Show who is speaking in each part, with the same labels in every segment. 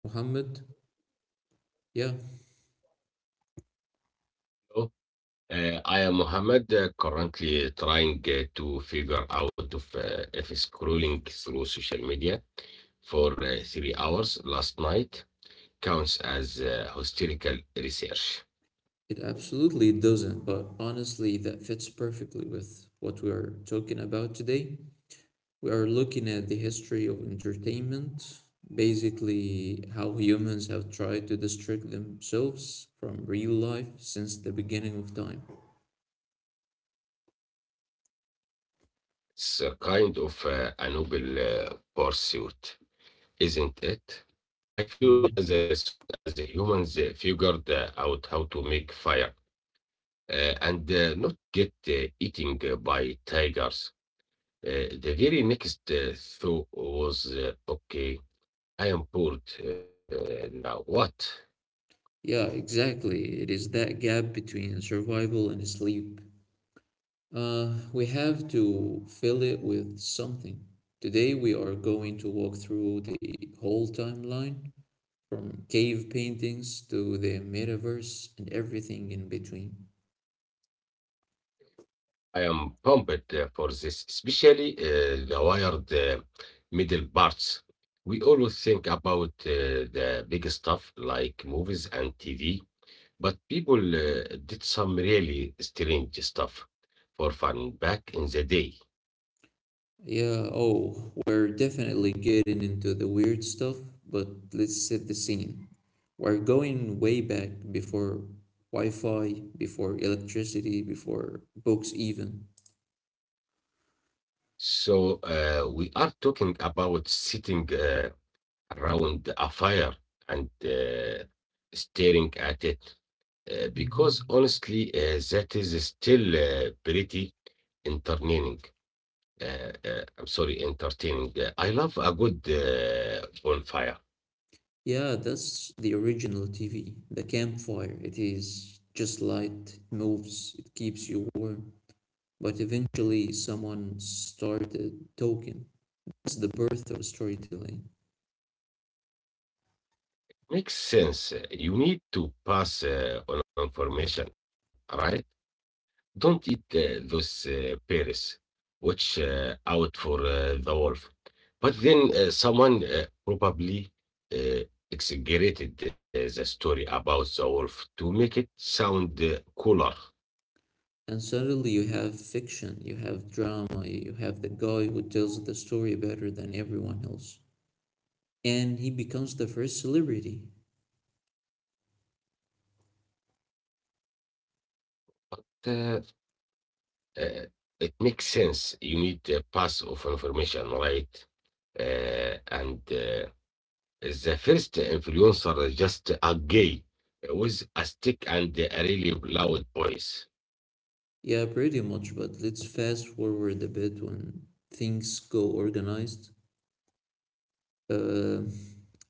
Speaker 1: Mohammed. Yeah,
Speaker 2: So, I am Mohammed, currently trying to figure out of, if scrolling through social media for 3 hours last night counts as hysterical research.
Speaker 1: it absolutely doesn't, but honestly, that fits perfectly with what we are talking about today. We are looking at the history of entertainment, basically, how humans have tried to distract themselves from real life since the beginning of time.
Speaker 2: It's a kind of a noble pursuit, isn't it? I feel like as
Speaker 1: Mhm.
Speaker 2: soon as humans figured out how to make fire and not get eaten by tigers. The very next thought was, okay, I am bored now. What?
Speaker 1: Yeah, exactly. It is that gap between survival and sleep. We have to fill it with something. Today, we are going to walk through the whole timeline from cave paintings to the metaverse and everything in between.
Speaker 2: I am pumped for this, especially the wired middle parts. We always think about the big stuff like movies and TV, but people did some really strange stuff for fun back in the day.
Speaker 1: Yeah, oh, we're definitely getting into the weird stuff, but let's set the scene. We're going way back before Wi Fi, before electricity, before books, even.
Speaker 2: So we are talking about sitting. Around a fire and staring at it. Because
Speaker 1: Hmm.
Speaker 2: honestly, that is still pretty entertaining. I'm sorry, entertaining. I love a good bonfire.
Speaker 1: Yeah, that's the original TV, the campfire. It is just light, it moves, it keeps you warm. But eventually, someone started talking. That's the birth of storytelling.
Speaker 2: Makes sense. You need to pass on information, right? Don't eat those pears. Watch out for the wolf. But then someone probably uh, exaggerated the story about the wolf to make it sound cooler.
Speaker 1: And suddenly you have fiction, you have drama, you have the guy who tells the story better than everyone else. And he becomes the first celebrity.
Speaker 2: But uh, uh, it makes sense. You need a pass of information, right? And the first influencer, just a guy with a stick and a really loud voice.
Speaker 1: Yeah, pretty much, but let's fast forward a bit when things go organized. Uh,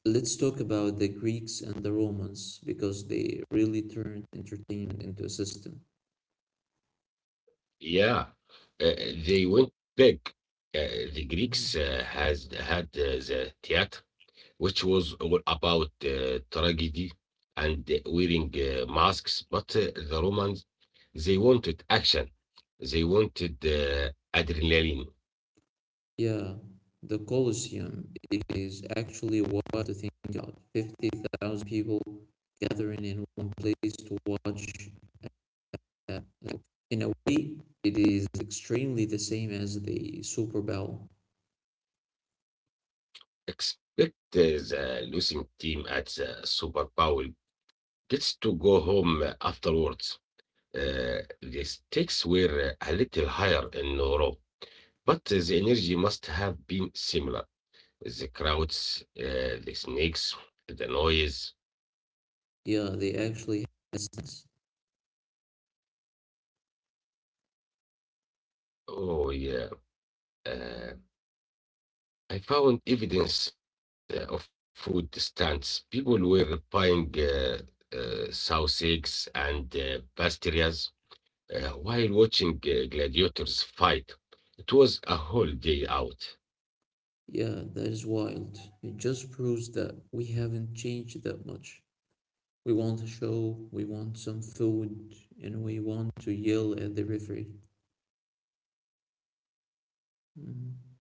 Speaker 1: let's talk about the Greeks and the Romans because they really turned entertainment into a system.
Speaker 2: Yeah, uh, they went big. The
Speaker 1: Mm-hmm.
Speaker 2: Greeks has had the theater, which was all about tragedy and wearing masks. But the Romans, they wanted action. They wanted adrenaline.
Speaker 1: Yeah, the Colosseum, it is actually wild to think about. 50,000 people gathering in one place to watch. Uh, like, in a way, it is extremely the same as the Super Bowl.
Speaker 2: Expect the losing team at the Super Bowl gets to go home afterwards. The stakes were a little higher in Europe, but the energy must have been similar. The crowds, the snakes, the noise.
Speaker 1: Yeah, they actually has sense.
Speaker 2: Oh, yeah. Uh, I found evidence of food stands. People were buying sausage and pastries while watching gladiators fight. It was a whole day out.
Speaker 1: Yeah, that is wild. It just proves that we haven't changed that much. We want a show, we want some food, and we want to yell at the referee. Mhm.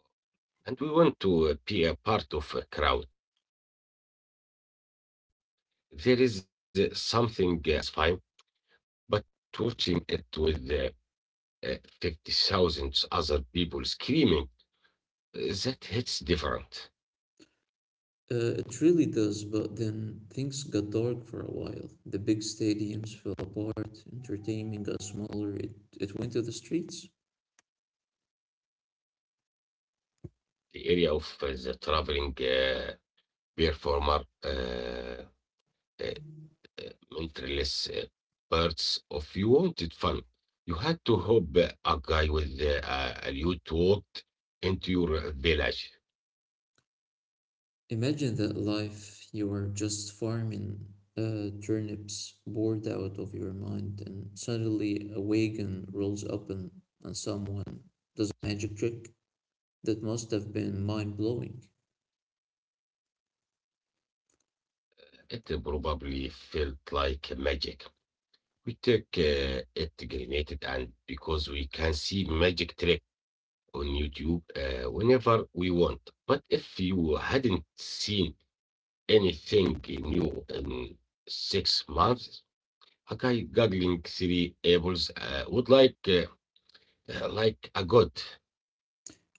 Speaker 2: And we want to be a part of a crowd. There is something about sharing energy. Watching something alone is fine, but watching it with uh, 50,000 other people screaming, that hits different.
Speaker 1: It really does, but then things got dark for a while. The big stadiums fell apart, entertainment got smaller, it went to the streets.
Speaker 2: The area of the traveling uh, performer uh, uh, uh, mentalist uh, parts of you wanted fun. You had to hope a guy with a lute walked into your village.
Speaker 1: Imagine that life. You are just farming turnips, bored out of your mind, and suddenly a wagon rolls up and someone does a magic trick that must have been mind blowing.
Speaker 2: It probably felt like magic. We took it granted, and because we can see magic trick on YouTube whenever we want. But if you hadn't seen anything new in 6 months, a guy juggling three apples would like a god.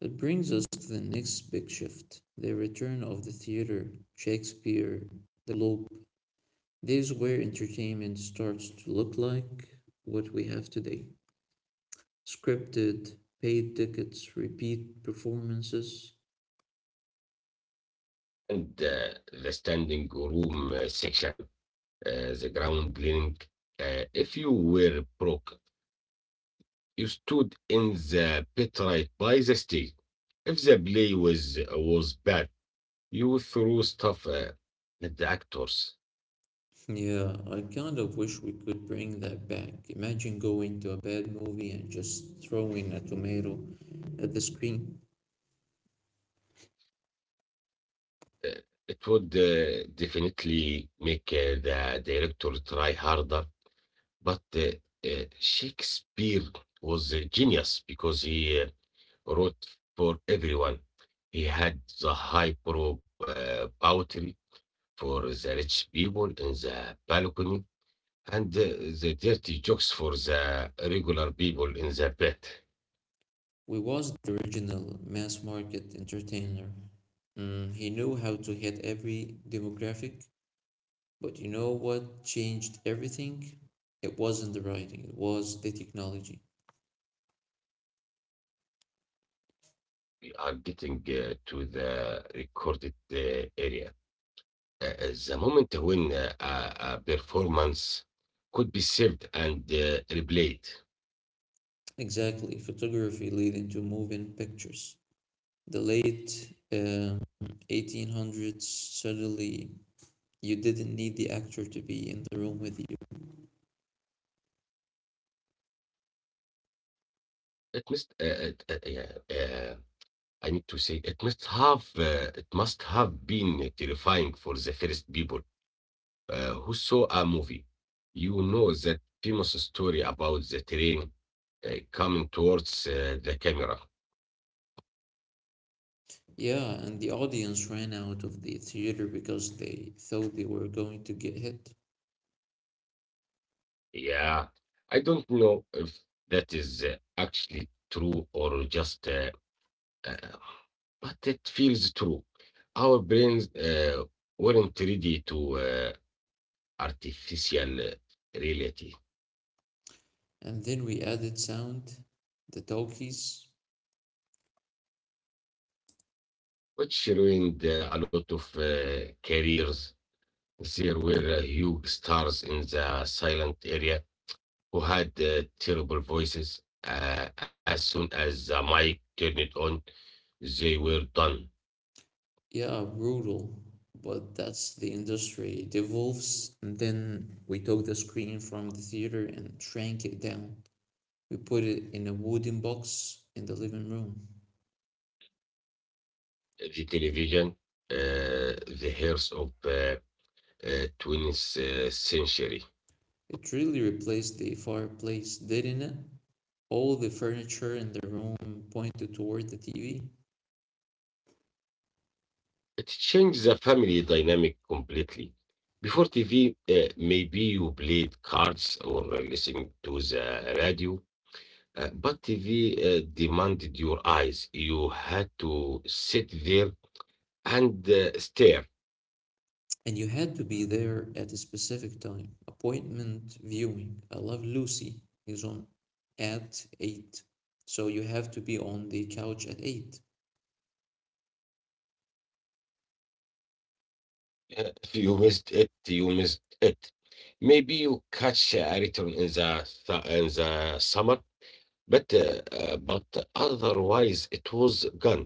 Speaker 1: It brings us to the next big shift, the return of the theater, Shakespeare, the Globe. This is where entertainment starts to look like what we have today. Scripted, paid tickets, repeat performances.
Speaker 2: And the standing room section, the ground cleaning. If you were broke, stood in the pit right by the stage. If the play was bad, you threw stuff at the actors.
Speaker 1: Yeah, I kind of wish we could bring that back. Imagine going to a bad movie and just throwing a tomato at the screen.
Speaker 2: Uh, it would definitely make the director try harder. But Shakespeare was a genius because he wrote for everyone. He had the high pro poetry for the rich people in the balcony and the dirty jokes for the regular people in the bed.
Speaker 1: We was the original mass market entertainer. Mm, he knew how to hit every demographic, but you know what changed everything? It wasn't the writing, it was the technology.
Speaker 2: We are getting to the recorded area. The moment when a performance could be saved and replayed.
Speaker 1: Exactly, photography leading to moving pictures. The late 1800s, suddenly you didn't need the actor to be in the room with you.
Speaker 2: It must. It, yeah, uh, I need to say it must have. It must have been terrifying for the first people who saw a movie. You know that famous story about the train coming towards the camera.
Speaker 1: Yeah, and the audience ran out of the theater because they thought they were going to get hit.
Speaker 2: Yeah, I don't know if that is actually true or just, uh, but it feels true. Our brains weren't ready to artificial reality,
Speaker 1: And then we added sound, the talkies.
Speaker 2: which ruined a lot of careers. There were huge stars in the silent area who had terrible voices. As soon as the mic turned it on, they were done.
Speaker 1: Yeah, brutal, but that's the industry. It evolves, and then we took the screen from the theater and shrank it down. We put it in a wooden box in the living room.
Speaker 2: The television, the heirs of the 20th century.
Speaker 1: It really replaced the fireplace, didn't it? All the furniture in the room pointed toward the TV,
Speaker 2: It changed the family dynamic completely. Before TV, maybe you played cards or listened to the radio, but TV demanded your eyes. You had to sit there and stare.
Speaker 1: and you had to be there at a specific time. Appointment viewing. I love Lucy is on at 8:00, so you have to be on the couch at 8:00.
Speaker 2: If you missed it, you missed it. Maybe you catch a return in the summer, but otherwise it was gone.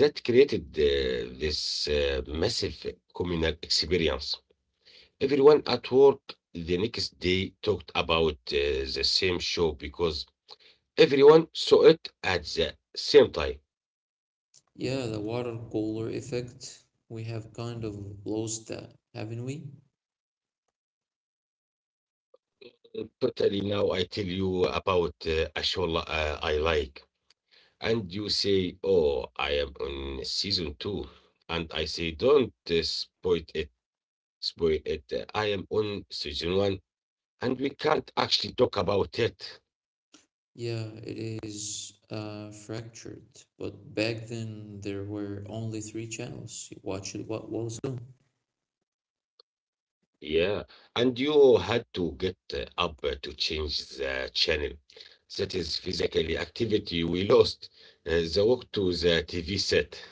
Speaker 2: That created this massive communal experience. Everyone at work the next day talked about the same show because everyone saw it at the same time.
Speaker 1: Yeah, the water cooler effect. We have kind of lost that, haven't we?
Speaker 2: Totally. Now I tell you about a show I like. And you say, "Oh, I am on season two," and I say, "Don't spoil it. I am on season one, and we can't actually talk about it."
Speaker 1: Yeah, it is fractured, but back then there were only three channels. You watched what was on.
Speaker 2: Yeah, and you had to get up to change the channel. That is physically activity we lost. The walk to the TV set.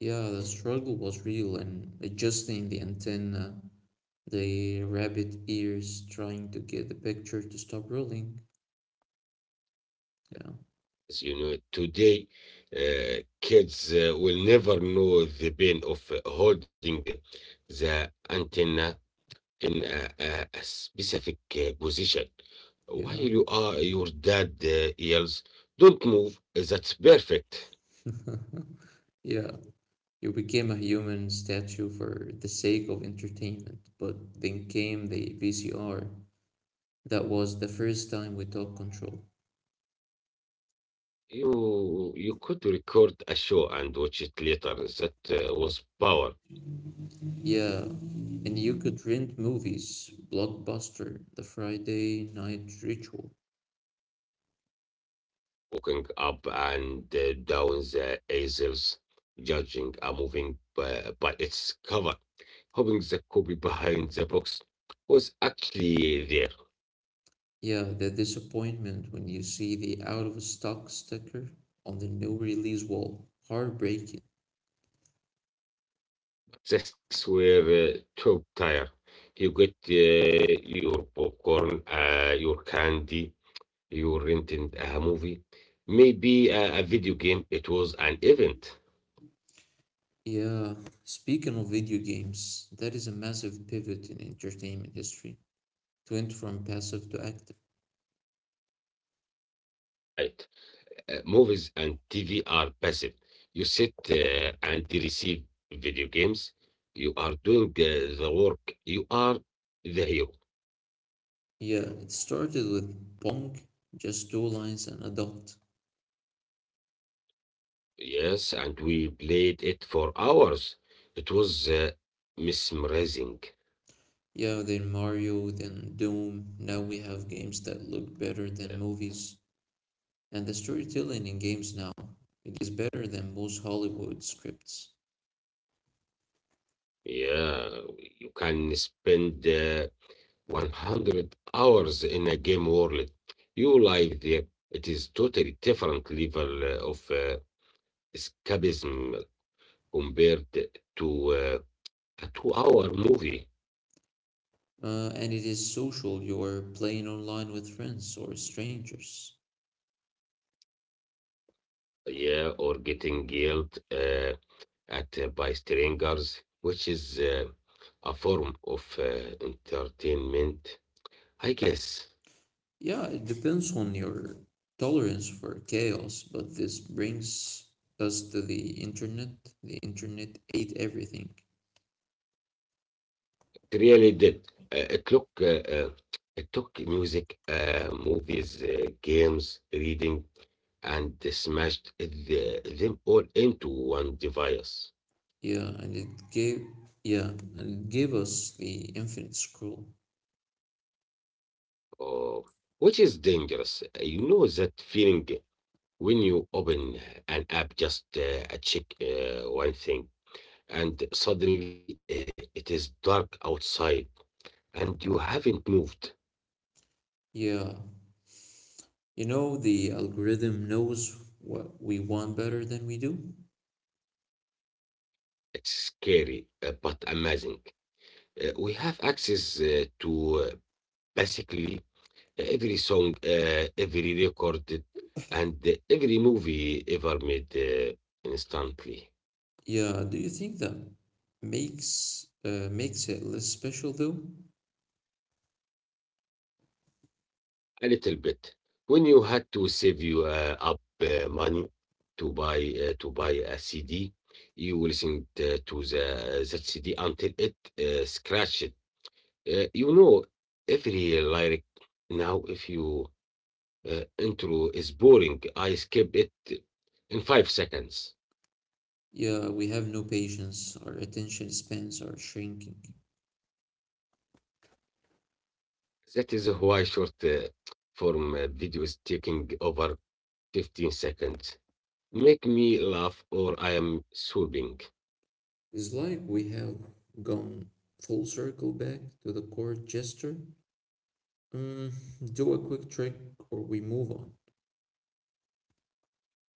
Speaker 1: Yeah, the struggle was real, and adjusting the antenna, the rabbit ears trying to get the picture to stop rolling. Yeah,
Speaker 2: As you know, today kids will never know the pain of holding the antenna in a specific position while
Speaker 1: yeah,
Speaker 2: your dad yells, "Don't move, that's perfect."
Speaker 1: yeah. You became a human statue for the sake of entertainment, but then came the VCR. That was the first time we took control.
Speaker 2: You could record a show and watch it later. That was power.
Speaker 1: Yeah, and you could rent movies, Blockbuster, The Friday Night Ritual.
Speaker 2: Walking up and down the aisles, judging a moving by its cover, hoping the copy behind the box was actually there.
Speaker 1: Yeah, the disappointment when you see the out of stock sticker on the no release wall. Heartbreaking.
Speaker 2: The snacks were top tier. You get your popcorn, your candy, you rented a movie, maybe a video game. It was an event,
Speaker 1: Yeah, speaking of video games, that is a massive pivot in entertainment history. It went from passive to active.
Speaker 2: right? Movies and TV are passive. You sit and receive video games. You are doing the work. You are the hero.
Speaker 1: Yeah, it started with Pong, just two lines and a dot.
Speaker 2: Yes, and we played it for hours. It was mesmerizing.
Speaker 1: Yeah, then Mario, then Doom. Now we have games that look better than movies, and the storytelling in games now, it is better than most Hollywood scripts.
Speaker 2: Yeah, you can spend 100 hours in a game world. You live there. It is totally different level of escapism compared to a two-hour movie.
Speaker 1: And it is social. You're playing online with friends or strangers.
Speaker 2: Yeah, or getting yelled at by strangers, which is a form of entertainment, I guess.
Speaker 1: Yeah, it depends on your tolerance for chaos, but this brings us to the internet. The internet ate everything.
Speaker 2: It really did. It took music, movies, games, reading, and smashed them all into one device.
Speaker 1: Yeah, and it gave yeah, and it gave us the infinite scroll.
Speaker 2: Oh, which is dangerous. You know that feeling when you open an app just check one thing, and suddenly it is dark outside, and you haven't moved.
Speaker 1: Yeah. You know the algorithm knows what we want better than we do.
Speaker 2: It's scary, but amazing. We have access to basically, every song, every record, and every movie ever made instantly.
Speaker 1: Yeah, do you think that makes it less special though?
Speaker 2: A little bit. When you had to save you up money to buy a CD, you listened to the that CD until it scratched. You know every lyric now. If you intro is boring, I skip it in 5 seconds.
Speaker 1: Yeah, we have no patience, our attention spans are shrinking.
Speaker 2: That is why short form videos taking over 15 seconds, make me laugh or I am sobbing.
Speaker 1: It's like we have gone full circle back to the court jester. Mm, do a quick trick or we move on.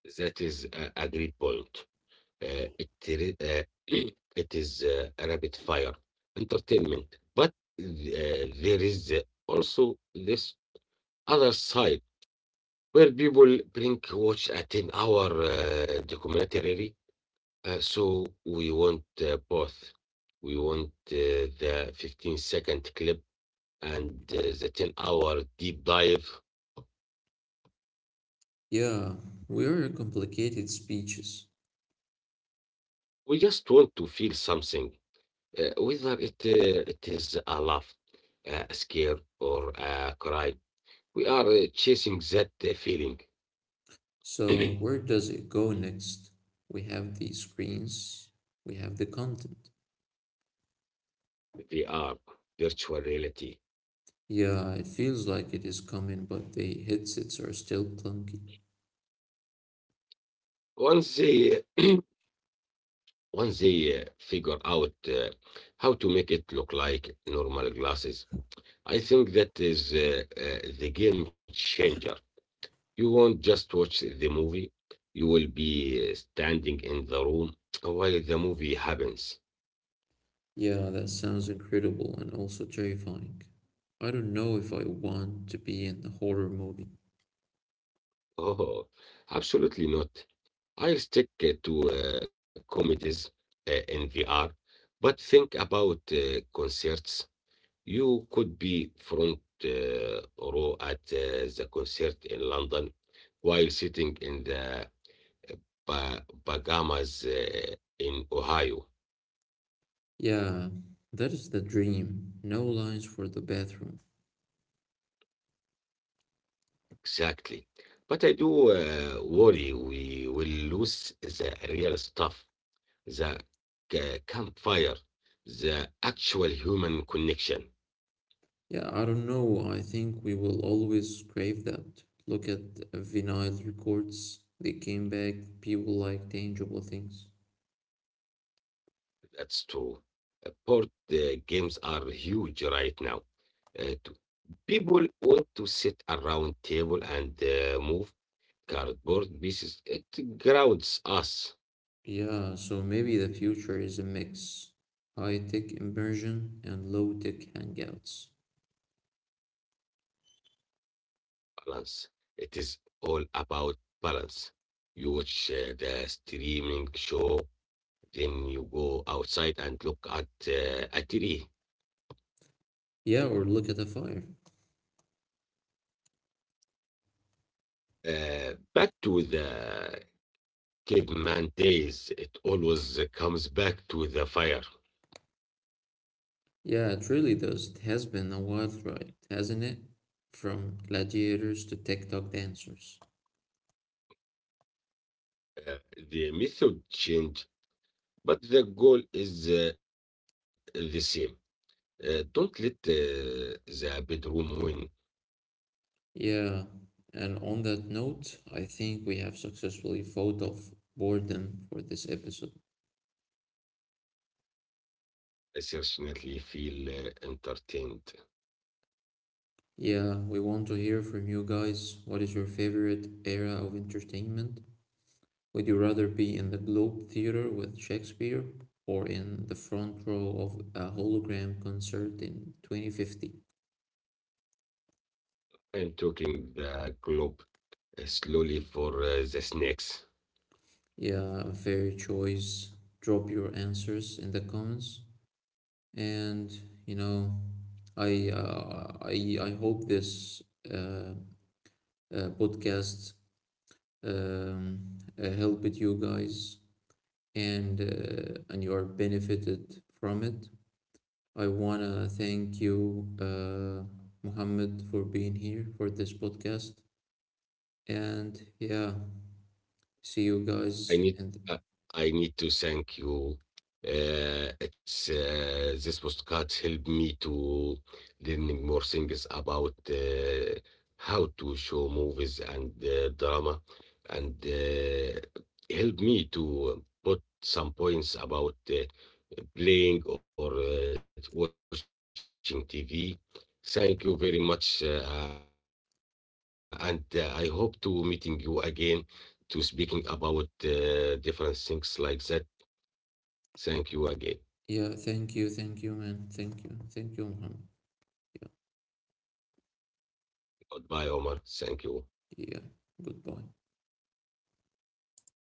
Speaker 2: That is a great point. Uh, it, re- uh, it is a rapid fire entertainment. But there is also this other side where people bring watch a 10 hour documentary. So we want both. We want the 15-second clip and the 10-hour deep dive.
Speaker 1: Yeah, we are complicated speeches.
Speaker 2: We just want to feel something, whether it is a laugh, a scare, or a cry. We are chasing that feeling.
Speaker 1: So where does it go next? We have the screens, we have the content.
Speaker 2: They are virtual reality.
Speaker 1: Yeah, it feels like it is coming, but the headsets are still clunky.
Speaker 2: Once they, once they figure out how to make it look like normal glasses, I think that is the game changer. You won't just watch the movie, you will be standing in the room while the movie happens.
Speaker 1: Yeah, that sounds incredible and also terrifying. I don't know if I want to be in a horror movie.
Speaker 2: Oh, absolutely not. I stick to comedies in VR, but think about concerts. You could be front row at the concert in London while sitting in the Bahamas in Ohio.
Speaker 1: Yeah, that is the dream. No lines for the bathroom.
Speaker 2: Exactly. But I do worry we will lose the real stuff, the campfire, the actual human connection.
Speaker 1: Yeah, I don't know. I think we will always crave that. Look at vinyl records. They came back, people like tangible things.
Speaker 2: That's true. Board games are huge right now. Uh, to- People want to sit around table and move cardboard pieces. It grounds us.
Speaker 1: Yeah, so maybe the future is a mix. High-tech immersion and low-tech hangouts.
Speaker 2: Balance. It is all about balance. You watch the streaming show, then you go outside and look at a tree.
Speaker 1: Yeah, or look at the fire.
Speaker 2: Back to the caveman days, it always comes back to the fire.
Speaker 1: Yeah, it really does. It has been a wild ride, hasn't it? From gladiators to TikTok dancers.
Speaker 2: Uh, the method change, but the goal is the same. Don't let the bedroom win.
Speaker 1: Yeah, and on that note, I think we have successfully fought off boredom for this episode.
Speaker 2: I certainly feel entertained.
Speaker 1: Yeah, we want to hear from you guys. What is your favorite era of entertainment? Would you rather be in the Globe Theatre with Shakespeare or in the front row of a hologram concert in 2050?
Speaker 2: I'm talking the globe slowly for the snakes.
Speaker 1: Yeah, fair choice. Drop your answers in the comments. And you know, I I hope this uh, podcast um, helped you guys and you are benefited from it. I want to thank you, Muhammad, for being here for this podcast. And yeah, see you
Speaker 2: I
Speaker 1: guys.
Speaker 2: need
Speaker 1: And
Speaker 2: uh, I need to thank you. It's this postcard helped me to learning more things about how to show movies and drama, and help me to put some points about playing or watching TV. Thank you very much, and I hope to meeting you again to speaking about different things like that. Thank you again.
Speaker 1: yeah, thank you, man. Thank you, Muhammad. Yeah,
Speaker 2: Goodbye, Omar. Thank you.
Speaker 1: yeah. Goodbye.
Speaker 2: Goodbye.